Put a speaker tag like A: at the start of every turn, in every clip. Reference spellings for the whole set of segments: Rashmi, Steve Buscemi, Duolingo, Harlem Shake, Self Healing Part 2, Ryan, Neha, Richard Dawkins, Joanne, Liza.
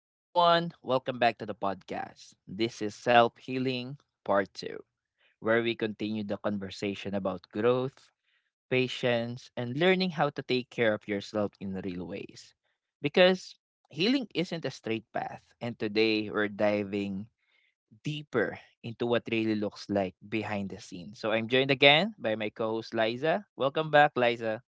A: Hey everyone, welcome back to the podcast. This is Self Healing Part 2, where we continue the conversation about growth, patience, and learning how to take care of yourself in real ways. Because healing isn't a straight path, and today we're diving deeper into what really looks like behind the scenes. So I'm joined again by my co host Liza. Welcome back, Liza.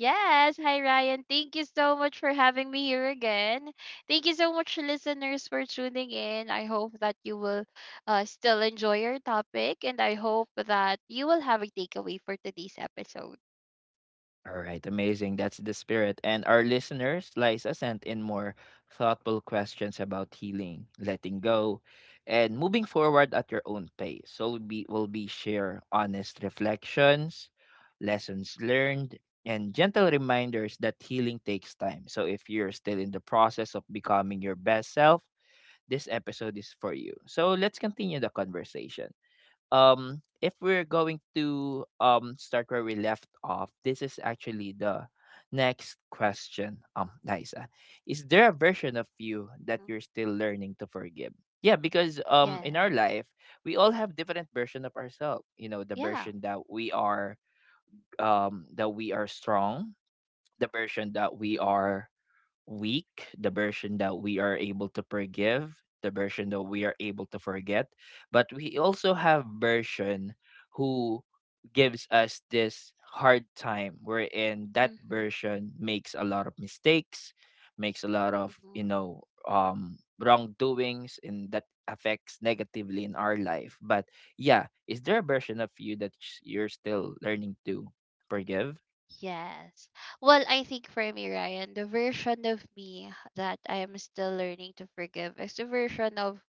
B: Yes, hi Ryan. Thank you so much for having me here again. Thank you so much, listeners, for tuning in. I hope that you will still enjoy your topic, and I hope that you will have a takeaway for today's episode.
A: All right, amazing. That's the spirit. And our listeners, Liza sent in more thoughtful questions about healing, letting go, and moving forward at your own pace. So we'll be will be share honest reflections, lessons learned, and gentle reminders that healing takes time. So if you're still in the process of becoming your best self, this episode is for you. So let's continue the conversation. If we're going to start where we left off, this is actually the next question. Liza, is there a version of you that
B: Mm,
A: you're still learning to forgive? Yeah, because in our
B: yes,
A: life we all have different version of ourselves. You know, the
B: yeah.
A: version that we are, that we are strong, the version that we
B: Mm-hmm.
A: are weak, the version that we are able to forgive, the version that we are able to forget. But we also have version who gives us this hard time wherein that
B: Mm-hmm.
A: version makes a lot of mistakes, makes a lot of,
B: Mm-hmm.
A: you know, wrongdoings and that affects negatively in our life. But yeah, is there a version of you that you're still learning to forgive?
B: Yes. Well, I think for me, Ryan, the version of me that I am still learning to forgive is the version of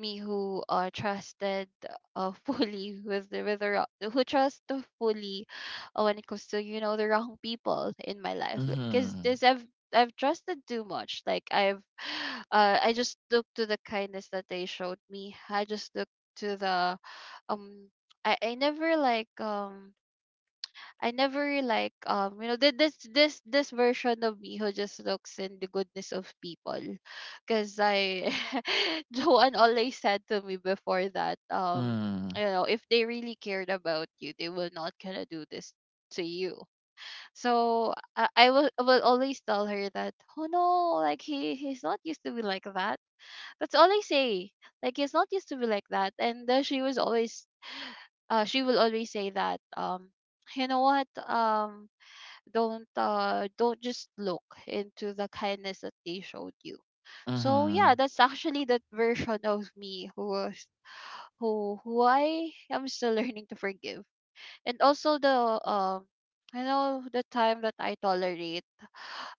B: me who trusted fully with who trust to fully when it comes to, you know, the wrong people in my life. Like, cause
A: Mm-hmm.
B: this I've trusted too much. Like I've I just look to the kindness that they showed me. I just look to the um I never like I never like you know, this version of me who just looks in the goodness of people, because I Joanne always said to me before that,
A: Mm-hmm.
B: you know, if they really cared about you, they will not gonna do this to you. So I will always tell her that, oh no, like he's not used to be like that. That's all I say. Like he's not used to be like that, and she will always say that, you know what, don't just look into the kindness that they showed you. So yeah,
A: Mm-hmm.
B: that's actually that version of me who was who I am still learning to forgive, and also the um I know the time that I tolerate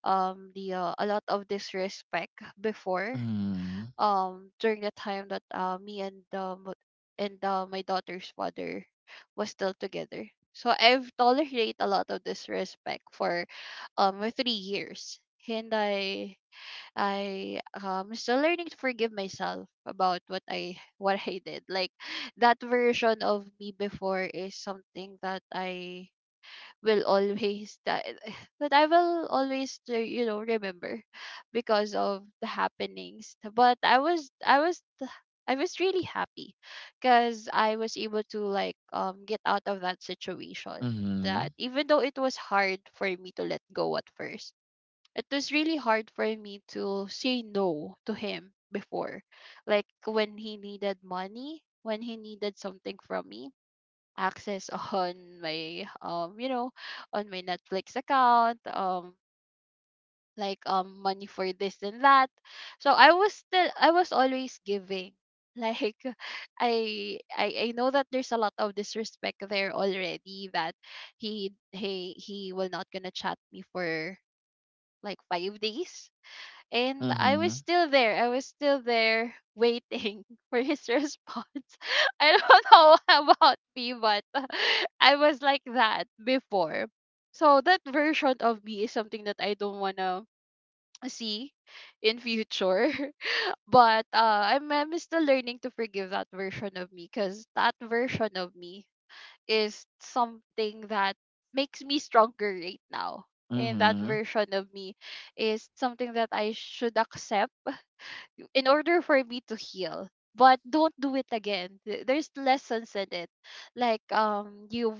B: the a lot of disrespect before,
A: Mhm.
B: during the time that me and my daughter's father was still together. So I've tolerated a lot of disrespect for my 3 years. And I still learning to forgive myself about what I what I did. Like that version of me before is something that I will always that that I will always, you know, remember because of the happenings. But I was I was really happy because I was able to, like, get out of that situation. That
A: Mhm.
B: even though it was hard for me to let go at first, it was really hard for me to say no to him before. Like when he needed money, when he needed something from me, access on my you know, on my Netflix account, money for this and that. So I was always giving, like I know that there's a lot of disrespect there already, that he will not gonna chat me for like 5 days and I was
A: Mhm.
B: still there. I was still there waiting for his response. I don't know about me, but I was like that before. So that version of me is something that I don't wanna see in future. But I'm still learning to forgive that version of me because that version of me is something that makes me stronger right now. And that
A: Mhm.
B: version of me is something that I should accept in order for me to heal, but don't do it again. There's lessons in it, like, you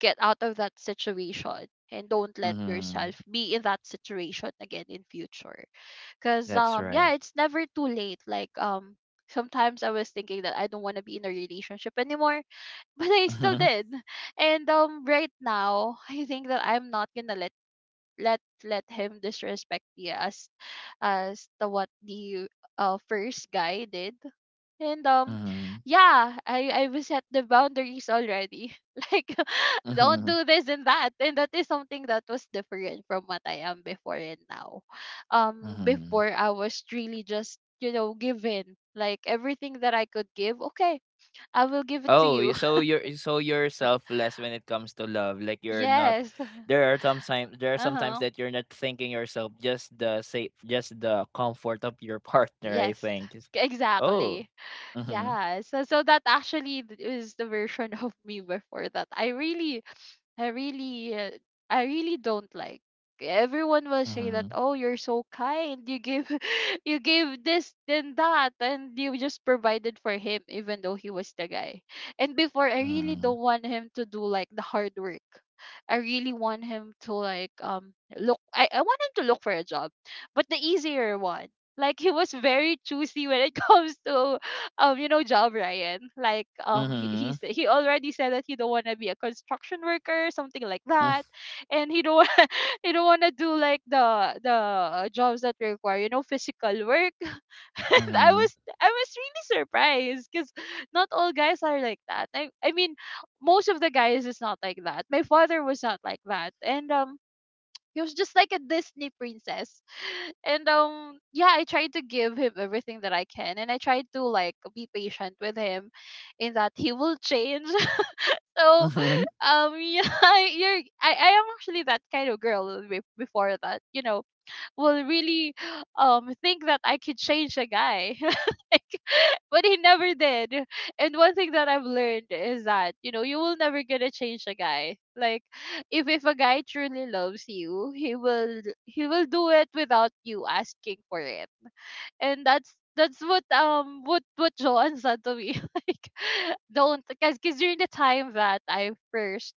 B: get out of that situation and don't let
A: Mhm.
B: yourself be in that situation again in future, because
A: That's right.
B: yeah, it's never too late. Like, sometimes I was thinking that I don't want to be in a relationship anymore, but I still
A: Mhm.
B: did. And right now I think that I'm not gonna let let him disrespect me as the what the first guy did. And
A: Mhm.
B: yeah, I will set the boundaries already, like, don't
A: Mhm.
B: do this and that. And that is something that was different from what I am before and now.
A: Mhm.
B: Before, I was really just, you know, give in like everything that I could give. Okay, I will give it to
A: Oh,
B: you.
A: so you're, so you're selfless when it comes to love. Like you're not.
B: Yes.
A: There are some time. There are sometimes
B: Uh-huh.
A: that you're not thinking yourself. Just the safe. Just the comfort of your partner. I
B: Yes.
A: think. Is- Oh.
B: Exactly.
A: Mhm.
B: Yeah, so that actually is the version of me before that. I really, uh, I really don't like. Everyone will say that,
A: Mhm.
B: oh, you're so kind. You give, you gave this then that, and you just provided for him, even though he was the guy. And before, I really
A: Mhm.
B: don't want him to do like the hard work. I really want him to, like, look. I want him to look for a job, but the easier one. Like he was very choosy when it comes to, you know, job, Ryan. Like,
A: Mhm.
B: he already said that he don't want to be a construction worker, something like that, and he don't he don't want to do like the jobs that require, you know, physical work. And
A: Mhm.
B: I was really surprised because not all guys are like that. I mean, most of the guys is not like that. My father was not like that, and he was just like a Disney princess. And yeah, I tried to give him everything that I can, and I tried to, like, be patient with him in that he will change. So,
A: Mhm.
B: yeah, you're I am actually that kind of girl, before that, you know, will really think that I could change a guy. Like, but he never did. And one thing that I've learned is that, you know, you will never gonna change a guy. Like, if a guy truly loves you, he will do it without you asking for it. And that's what Joan said to me. Like, don't, because cause 'cause during the time that I first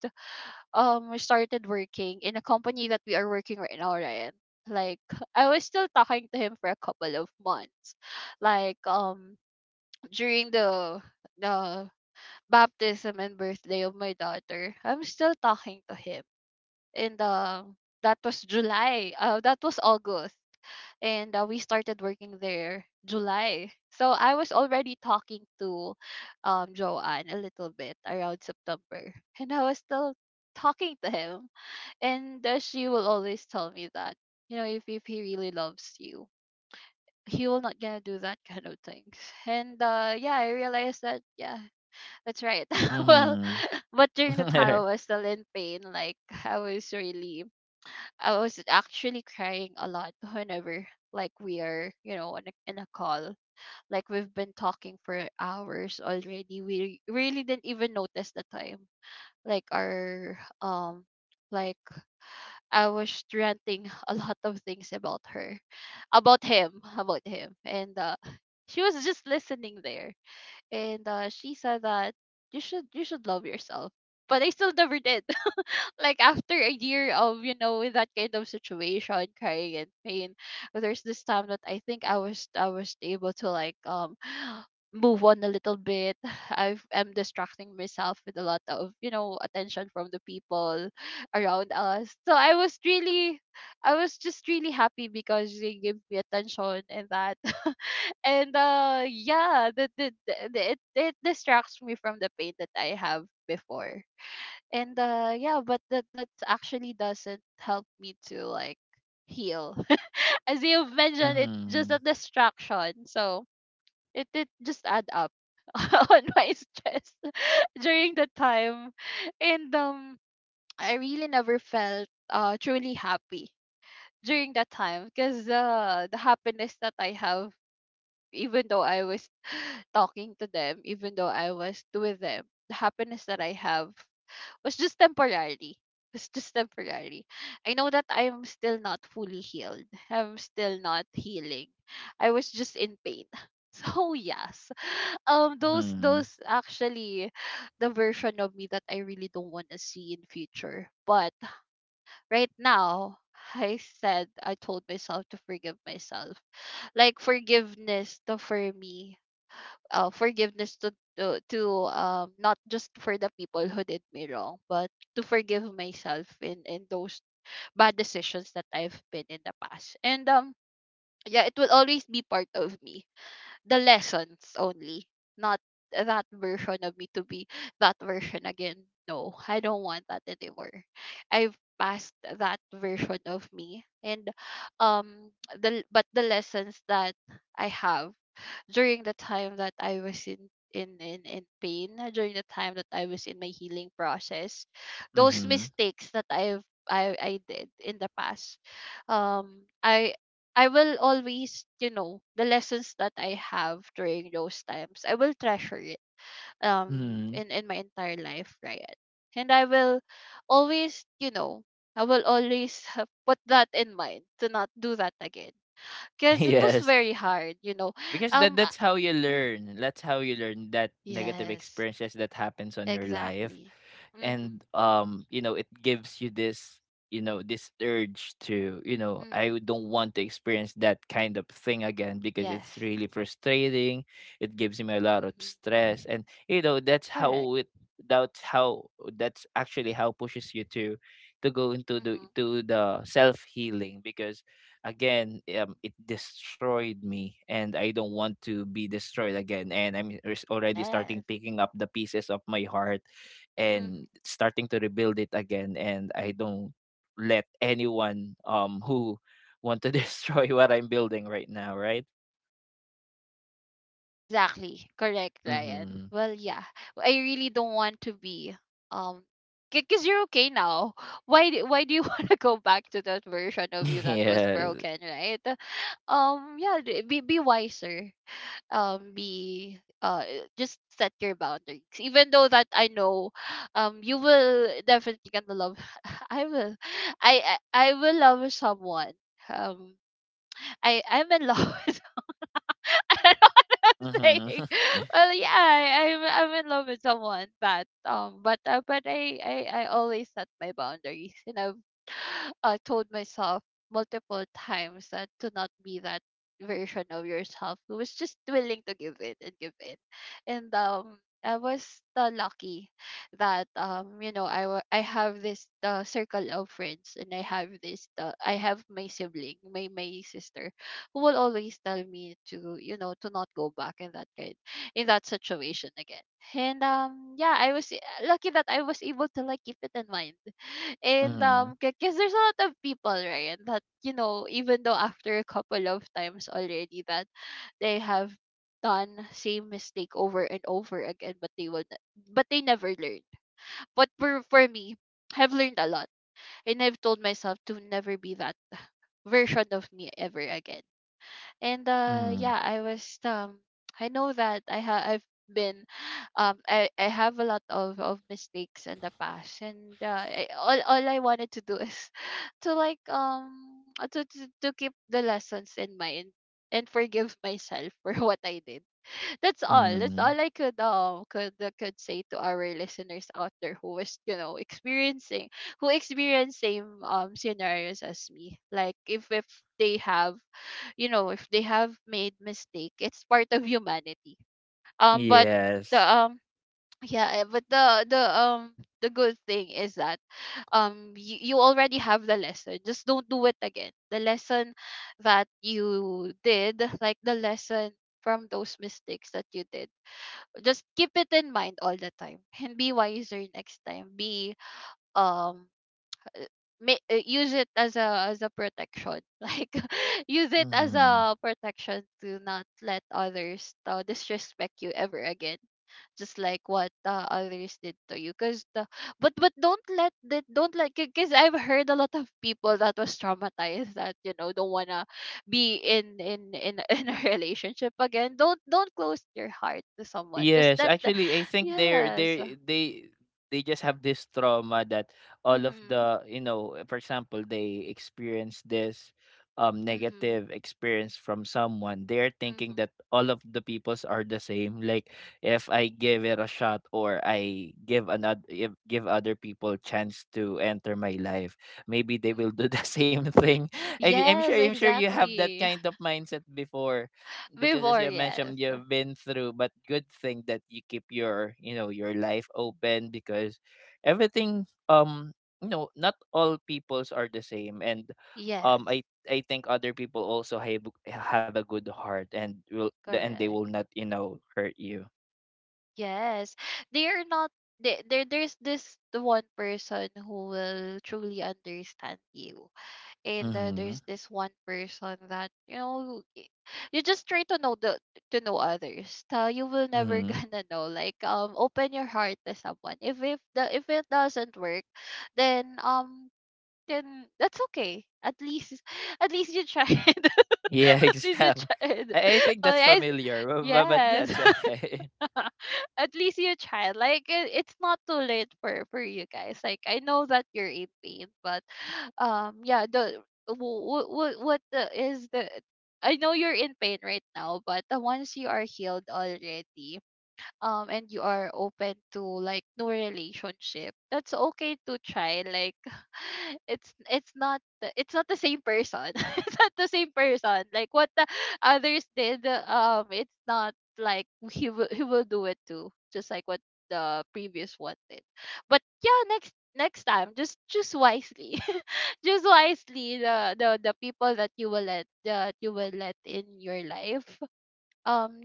B: we started working in a company that we are working right now, right? Like I was still talking to him for a couple of months. Like, during the baptism and birthday of my daughter, I'm still talking to him. And that was July. That was August. And we started working there July. So I was already talking to Joanne a little bit around September. And I was still talking to him, and she will always tell me that, you know, if he really loves you, he will not gonna do that kind of things. And yeah, I realized that, yeah, that's right. Well,
A: Mhm.
B: but during the time I was still in pain, like I was really, I was actually crying a lot whenever, like, we are, you know, in a call. Like we've been talking for hours already. We really didn't even notice the time. Like our like I was ranting a lot of things about her, about him, and she was just listening there. And she said that you should love yourself, but I still never did. Like after a year of, you know, in that kind of situation, crying and pain, there's this time that I think I was able to, like, move on a little bit. I'm distracting myself with a lot of, you know, attention from the people around us. So I was just really happy because they gave me attention and that. And yeah, it it distracts me from the pain that I have before. And yeah, but that actually doesn't help me to, like, heal. As you've mentioned, it's just
A: Mhm.
B: a distraction. So it just add up on my stress during the time. And I really never felt truly happy during that time because, the happiness that I have, even though I was talking to them, even though I was with them, the happiness that I have was just temporary. It's just temporary. I know that I'm still not fully healed. I'm still not healing. I was just in pain. So yes, those
A: Mhm.
B: actually the version of me that I really don't want to see in future. But right now, I told myself to forgive myself. Like forgiveness to for me. Forgiveness to, not just for the people who did me wrong, but to forgive myself in those bad decisions that I've been in the past. And yeah, it will always be part of me, the lessons only, not that version of me to be that version again. No, I don't want that anymore. I've passed that version of me, and the but the lessons that I have during the time that I was in pain, during the time that I was in my healing process, those
A: Mhm.
B: mistakes that I did in the past, um, I I will always, you know, the lessons that I have during those times, I will treasure it um
A: Mhm.
B: in in my entire life, Ryan. And I will always, you know, I will always put that in mind to not do that again. Cause it was
A: Yes,
B: very hard, you know.
A: because that
B: Um,
A: that's how you
B: uh,
A: learn. That's how you learn that negative
B: Yes,
A: experiences that happens on your life,
B: exactly. Mm-hmm.
A: and you know, it gives you this, you know, this urge to, you know,
B: Mm-hmm.
A: don't want to experience that kind of thing again because it's
B: Yes.
A: really frustrating. It gives me a lot of
B: Mm-hmm.
A: stress, and you know, that's
B: Correct.
A: how it. That's how. That's actually how pushes you to go into the
B: Mm-hmm.
A: to the self healing because again, it destroyed me and I don't want to be destroyed again, and I'm already starting
B: Yes.
A: picking up the pieces of my heart
B: Mm-hmm.
A: and starting to rebuild it again, and I don't let anyone who want to destroy what I'm building right now, right?
B: Exactly. Correct, Ryan.
A: Mm-hmm.
B: Well, yeah. Well, I really don't want to be, um because you're okay now. Why why do you want to go back to that version of you that was
A: Yes.
B: broken, right? Yeah, be wiser. Be, just set your boundaries, even though that I know you will definitely gonna love. I will, I will love someone. Um i i'm in love. I don't know what I'm saying.
A: Mm-hmm.
B: Well, yeah, I'm in love with someone, but I always set my boundaries, and I've, told myself multiple times that to not be that version of yourself who was just willing to give in and give in, and I was, lucky that you know I I have this, circle of friends, and I have this, I have my sibling, my sister, who will always tell me to, you know, to not go back in that kind, in that situation again. And yeah, I was, lucky that I was able to like keep it in mind and
A: Mm-hmm.
B: because there's a lot of people, right, that, you know, even though after a couple of times already that they have done same mistake over and over again, but they will n- but they never learn. But for me, I've learned a lot, and I've told myself to never be that version of me ever again. And yeah, I was, I know that I've been, I have a lot of mistakes in the past, and all I wanted to do is to like to keep the lessons in mind and forgive myself for what I did. That's all. That's
A: Mm-hmm.
B: all I could could say to our listeners out there who was, you know, experiencing, who experience same scenarios as me. Like if they have, you know, if they have made mistake, it's part of humanity. um but the
A: Yes.
B: um yeah, eh, but the good thing is that you, you already have the lesson. Just don't do it again. The lesson that you did, like the lesson from those mistakes that you did, just keep it in mind all the time, and be wiser next time. Be, um uh, use it as a protection like use it as
A: Mm-hmm.
B: a protection to not let others, disrespect you ever again, just like what, others did to you. Because the, but don't let that, don't like, because I've heard a lot of people that was traumatized, that, you know, don't wanna be in a relationship again. Don't close your heart to someone, just
A: Yes,
B: let the,
A: actually, I think they're
B: yes,
A: they they they just have this trauma that all of
B: mm-hmm.
A: the, you know, for example, they experience this
B: Mm-hmm.
A: negative experience from someone. They're
B: Mm-hmm.
A: thinking that all of the peoples are the same. Like if I give it a shot or I give another, if give other people chance to enter my life, maybe they
B: Mm-hmm.
A: will do the same thing. I'm sure,
B: Yes,
A: I'm sure you have that
B: exactly.
A: kind of mindset before because as
B: Before,
A: you mentioned
B: yes.
A: you've been through, but good thing that you keep your, you know, your life open because everything, you know, not all peoples are the same, and um
B: Yes,
A: i I think other people also have a good heart and will, and they will
B: correct.
A: not, you know, hurt you.
B: Yes. They are not, there there's this the one person who will truly understand you. And
A: Mm-hmm.
B: there's this one person that you know you just try to know the, to know others. You will never
A: Mm-hmm.
B: gonna know. Like open your heart to someone. If the if it doesn't work, then um then that's okay. At least at least you tried.
A: Yeah,
B: At least you
A: exactly.
B: tried.
A: I think
B: Oh
A: that's
B: yes,
A: familiar, but
B: yes.
A: that's okay.
B: At least you tried. Like it's not too late for you guys. Like I know that you're in pain, but yeah, the what the, is the I know you're in pain right now, but once you are healed already, and you are open to like new relationship, that's okay to try, like it's not it's not the same person it's not the same person, like what the others did. It's not like he will, he will do it too, just like what the previous one did. But yeah, next time, just choose wisely. Choose wisely the people that you will let, that you will let in your life. Um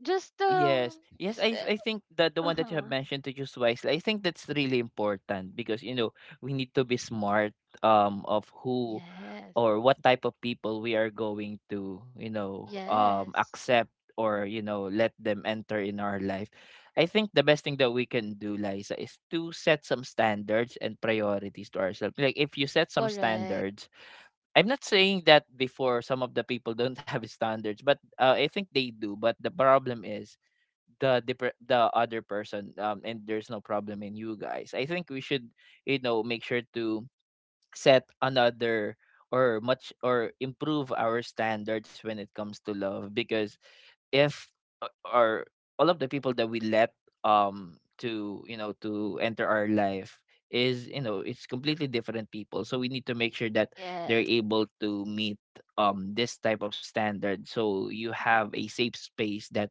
B: just
A: Yes. Yes, I I think that the one that you have
B: Uh-huh.
A: mentioned, to choose wisely, I think that's really important because you know, we need to be smart of who
B: Yes.
A: or what type of people we are going to, you know,
B: Yes.
A: accept or you know, let them enter in our life. I think the best thing that we can do, Liza, is to set some standards and priorities to ourselves. Like if you set some
B: Correct.
A: standards, I'm not saying that before some of the people don't have standards, but I think they do. But the problem is the the other person and there's no problem in you guys, I think we should, you know, make sure to set another or much or improve our standards when it comes to love because if our all of the people that we let to, you know, to enter our life is, you know, it's completely different people, so we need to make sure that they're
B: Yes.
A: able to meet this type of standard so you
B: Hmm.
A: have a safe space that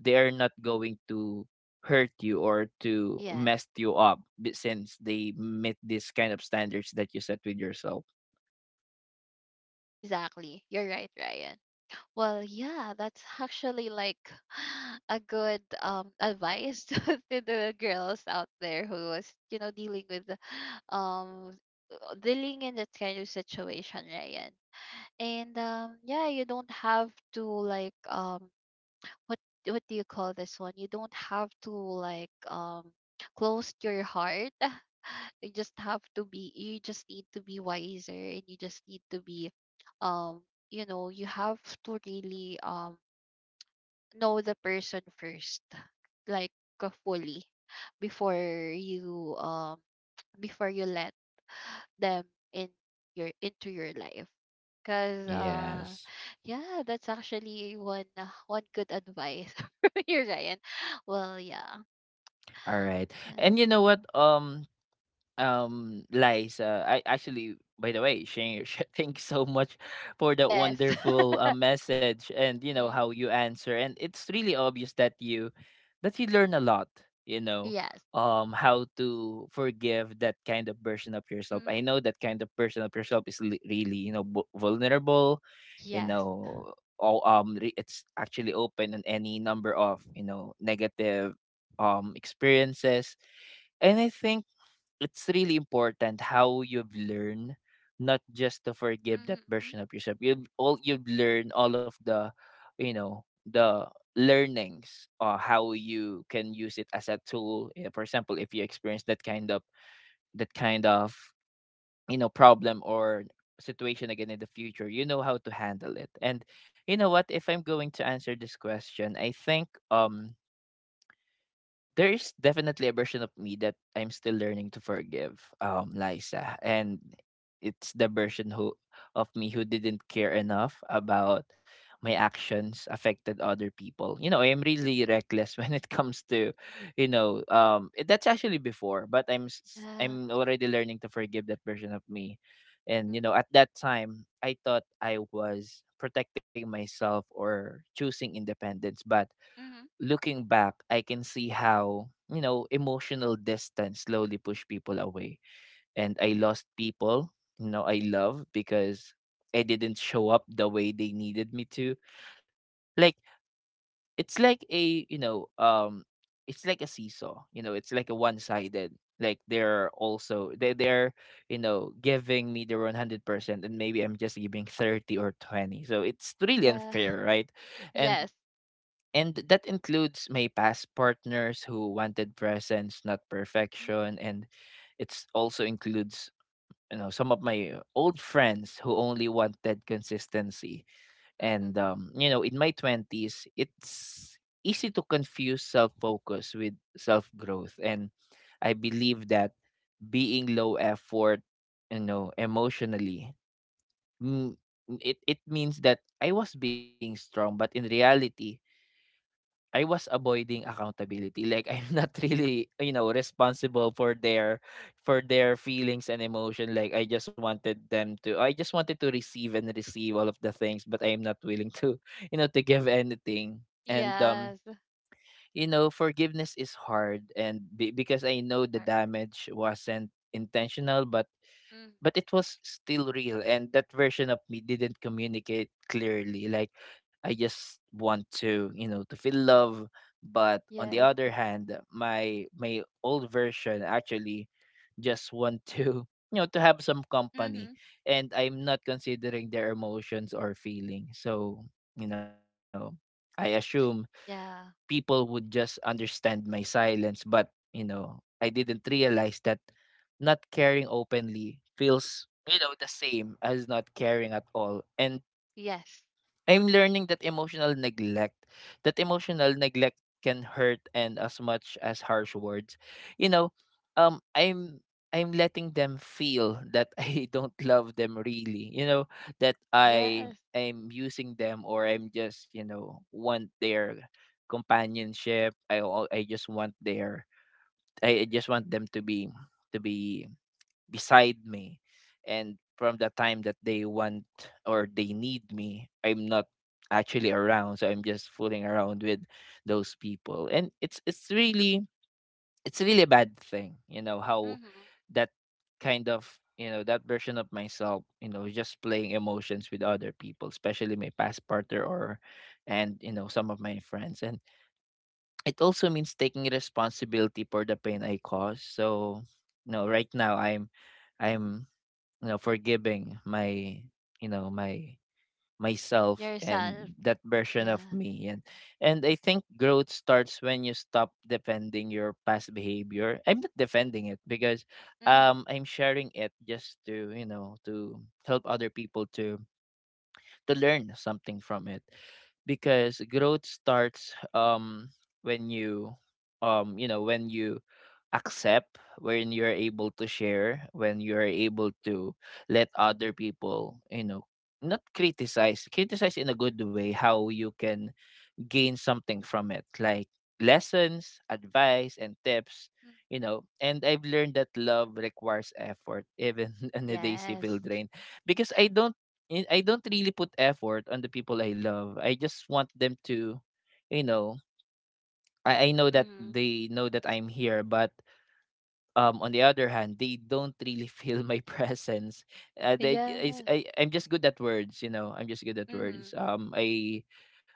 A: they are not going to hurt you or to
B: Yes.
A: mess you up since they meet this kind of standards that you set with yourself.
B: Exactly. You're right, Ryan. Well, yeah, that's actually like a good advice to the girls out there who was, you know, dealing with um dealing in that kind of situation, Ryan. And yeah, you don't have to like, what what do you call this one? You don't have to like, close your heart. You just have to be, you just need to be wiser, and you just need to be, um you know, you have to really, know the person first, like, fully, before you, before you let them in, your into your life, because,
A: Yes.
B: yeah, that's actually one, one good advice from you, Ryan. Well, yeah.
A: All right.
B: Uh,
A: And you know what? Liza, I actually by the way, Shane, thank you so much for that
B: yes.
A: wonderful message and you know
B: Mhm.
A: how you answer, and it's really obvious that you learn a lot, you know,
B: Yes.
A: how to forgive that kind of version of yourself.
B: Mhm.
A: I know that kind of version of yourself is really, you know, vulnerable, you
B: Yes.
A: know, all, it's actually open on any number of, you know, negative experiences, and I think it's really important how you've learned, not just to forgive that version
B: Mhm.
A: of yourself, you've all you've learned all of the, you know, the learnings or how you can use it as a tool. Yeah, for example if you experience that kind of, that kind of you know, problem or situation again in the future, you know how to handle it. And you know what, if I'm going to answer this question, I think there is definitely a version of me that I'm still
B: Mm,
A: learning to forgive, Liza, and it's the version who, of me who didn't care
B: mm,
A: enough about my actions affected other people. You know, I'm really
B: mm.
A: reckless when it comes to, you know, that's actually before, but
B: Yeah.
A: I'm already learning to forgive that version of me, and you
B: Mm,
A: know, at that time I thought I was protecting myself or choosing independence, but
B: mhm.
A: looking back, I can see how, you know, emotional distance slowly pushed people away. And I lost people, you know, I love because I didn't show up the way they needed me to. Like it's like a, you know, it's like a seesaw, you know, it's like a one-sided. Like they're also they're you know, giving me their 100%, and maybe I'm just giving 30 or 20. So it's really
B: Yeah.
A: unfair, right? And
B: Yes.
A: and that includes my past partners who wanted presence, not perfection.
B: Mhm,
A: And it's also includes, you know, some of my old friends who only wanted consistency. And
B: mhm.
A: you know, in my twenties, it's easy to confuse self-focus with self-growth. And I believe that being low effort, you know, emotionally, mm, it means that I was being strong, but in reality, I was avoiding accountability. Like I'm not really, you know, responsible for their, for their feelings and emotion. Like I just wanted to receive and receive all of the things, but I'm not willing to, you know, to give anything. And
B: Yes.
A: you know, forgiveness is hard and because I know the
B: Or-
A: damage wasn't intentional,
B: mhm.
A: but it was still real, and that version of me didn't communicate clearly, like I just want to, you know, to feel love, but on the
B: Yes.
A: other hand my old version actually just want to you know, to have some company,
B: Mhm.
A: and I'm not considering their emotions or feelings. So you know, I assume people
B: Yeah.
A: would just understand my silence, but you know, I didn't realize that not caring openly feels, you know, the same as not caring at all. And
B: Yes.
A: I'm learning that emotional neglect can hurt and as much as harsh words. You know, um, I'm I'm letting them feel that I don't love them really. You know, that I
B: Yes.
A: am using them, or I'm just, you know, want their companionship. I just want their I just want them to be beside me, and from the time that they want or they need me, I'm not actually around, so I'm just fooling around with those people. And it's really, it's really a bad thing, you know, how
B: Mhm.
A: that kind of, that version of myself, just playing emotions with other people, especially my past partner, or and you know some of my friends. And it also means taking responsibility for the pain I cause. So right now, I'm, forgiving my, my myself
B: Yourself.
A: and that version of
B: Yeah.
A: me. And I think growth starts when you stop defending your past behavior. I'm not defending it, because
B: Mhm.
A: I'm sharing it just to, to help other people to learn something from it, because growth starts, when you, you know, when you accept, when you're able to share, when you're able to let other people, you know, not criticize, criticize in a good way how you can gain something from it, like lessons, advice, and tips.
B: Mm.
A: You know, and I've learned that love requires effort, even on a daisy feel
B: Yes.
A: drain, because I don't, I don't really put effort on the people I love. I just want them to, you know, I know that
B: Mhm.
A: they know that I'm here, but on the other hand, they don't really feel my presence.
B: Yeah.
A: I'm just good at words, you know. I'm just good at words.
B: Mhm.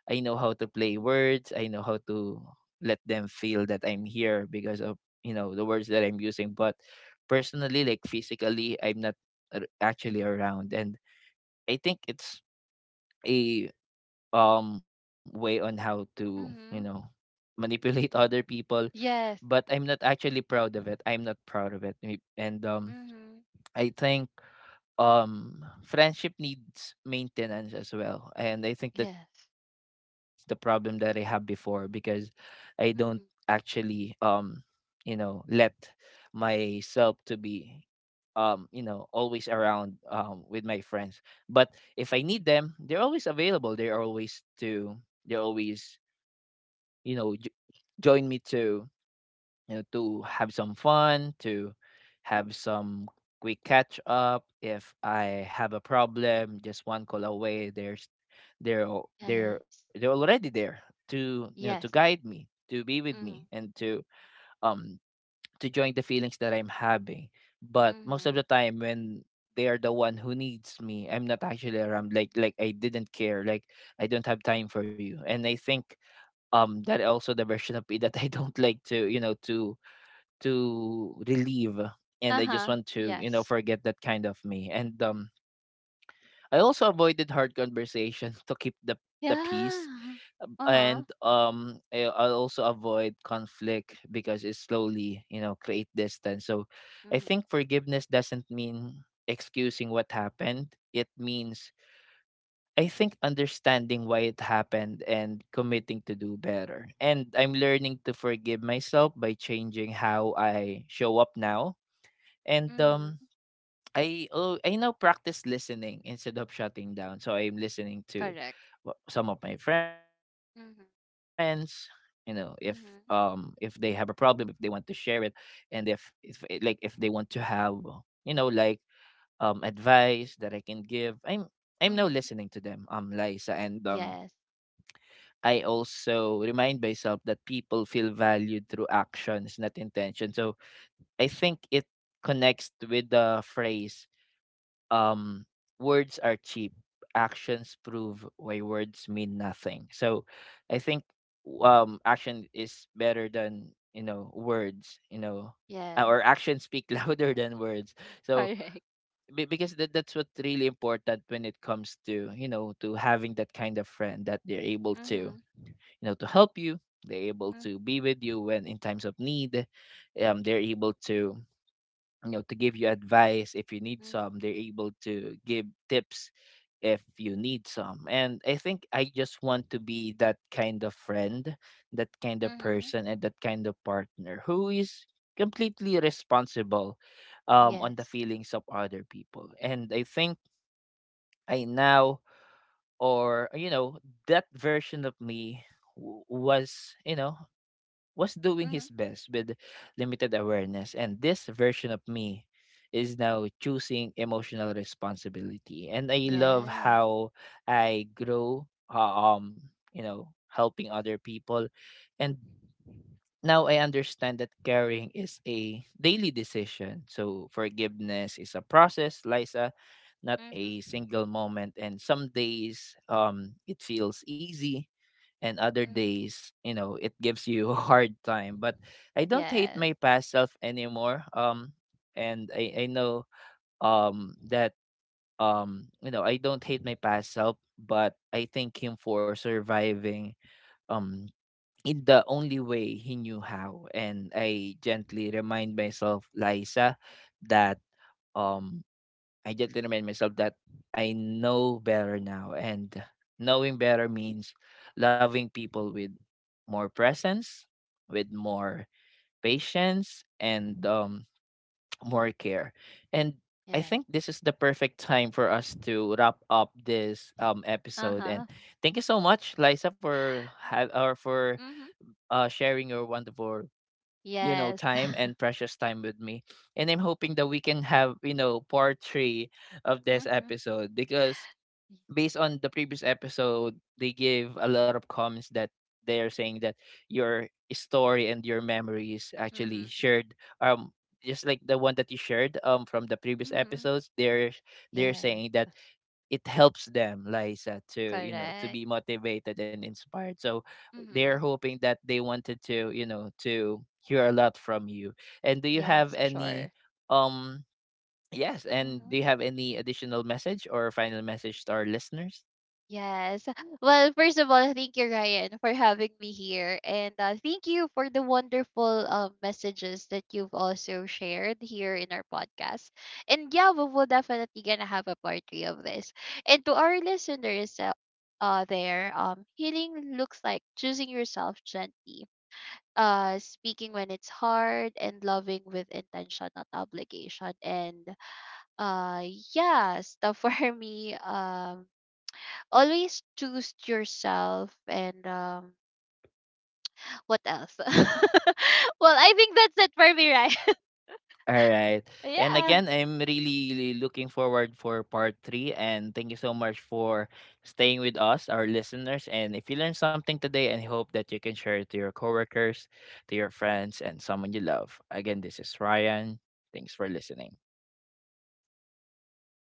A: I know how to play words. I know how to let them feel that I'm here because of, you know, the words that I'm using. But personally, like physically, I'm not actually around. And I think it's a, way on how to, you know,
B: Mhm.
A: manipulate other people. But
B: Yes.
A: I'm not actually proud of it. I'm not proud of it, and
B: Mhm.
A: I think, friendship needs maintenance as well, and I think that's the
B: Yes.
A: problem that I have before, because I don't actually,
B: Mhm.
A: you know, let myself to be, you know, always around, with my friends. But if I need them, they're always available, they're always, you know, join me to, you know, to have some fun, to have some quick catch up. If I have a problem, just one call away, there's they're they're
B: Yes.
A: already there to, you know, to
B: Yes.
A: guide me, to be with me,
B: Mhm.
A: and um to join the feelings that I'm having. But most of the
B: Mhm.
A: time when they are the one who needs me, I'm not actually around. Like I didn't care. Like I don't have time for you. And I think, that also the version of me that I don't like to, you know, to relieve. And I just
B: Uh-huh.
A: want to, you know,
B: Yes.
A: forget that kind of me. And I also avoided hard conversation to keep the peace,
B: Yeah. Uh-huh.
A: and I, I'll also avoid conflict because it slowly, you know, create distance. So I
B: Mhm.
A: think forgiveness doesn't mean excusing what happened. It means, I think, understanding why it happened and committing to do better. And I'm learning to forgive myself by changing how I show up now. And
B: Mhm.
A: I now practice listening instead of shutting down. So I'm listening to
B: Correct.
A: some of my friends, you
B: Mhm.
A: know, if, if they have a
B: Mhm.
A: problem, if they want to share it, and if it- like if they want to have, you know, like, advice that I can give, I'm now listening to
B: Mhm.
A: them, Liza. And
B: Yes.
A: I also remind myself that people feel valued through actions, not intention. So I think it connects with the phrase, um, words are cheap. Actions prove why words mean nothing. So I think, action is better than, you know, words. You know,
B: Yes.
A: or actions speak louder than words. So
B: Correct.
A: because that's what's really important when it comes to, you know, to having that kind of friend that they're able to,
B: Mhm.
A: you know, to help you. They're able
B: Mhm.
A: to be with you when in times of need. They're able to, you know, to give you advice if you need
B: Mhm.
A: some. They're able to give tips if you need some. And I think I just want to be that kind of friend, that kind of
B: Mhm.
A: person, and that kind of partner who is completely responsible, on the
B: Yes.
A: feelings of other people. And I think I now, or you know, that version of me was, you know, was doing
B: Mhm.
A: his best with limited awareness, and this version of me is now choosing emotional responsibility. And I love
B: Yes.
A: how I grow, uh, um, you know, helping other people, and now I understand that caring is a daily decision. So forgiveness is a process, Liza, not a
B: Mhm.
A: single moment. And some days, it feels easy, and other
B: Mhm.
A: days, you know, it gives you a hard time. But I don't hate
B: Yes.
A: my past self anymore, and I know that, you know, I don't hate my past self, but I thank him for surviving um in the only way he knew how. And I gently remind myself, Liza, that, um I just remind myself that I know better now. And knowing better means loving people with more presence, with more patience, and more care. And I
B: Yes.
A: think this is the perfect time for us to wrap up this, episode. And
B: Uh-huh.
A: thank you so much, Liza, for ha- or for
B: Mhm.
A: sharing your wonderful, you know,
B: Yes.
A: time and precious time with me. And I'm hoping that we can have, you know, part three of this
B: Mhm.
A: episode, because
B: Y-
A: based on the previous episode, they gave a lot of comments that they are saying that your story and your memories actually
B: Mhm.
A: shared, um just like the one that you shared, from the previous
B: Mhm.
A: episodes. They're
B: Yes.
A: saying that it helps them, Liza, to, you know, to
B: Correct.
A: be motivated and inspired. So they're
B: Mhm.
A: hoping that they wanted to, you know, to hear a lot from you. And do you have
B: Yes,
A: any
B: sure.
A: um yes? And do
B: Mhm.
A: you have any additional message or final message to our listeners?
B: Yes. Well, first of all, thank you, Ryan, for having me here. And thank you for the wonderful messages that you've also shared here in our podcast. And yeah, we will definitely gonna have a part 3 of this. And to our listeners, there, healing looks like choosing yourself gently, speaking when it's hard, and loving with intention, not obligation. And uh, yeah, stuff for me. Always choose yourself, and what else? Well, I think that's it for me, right?
A: All right. And
B: Yeah.
A: again, I'm really really looking forward for part three. And thank you so much for staying with us, our listeners. And if you learned something today, and hope that you can share it to your coworkers, to your friends, and someone you love. Again, this is Ryan. Thanks for listening.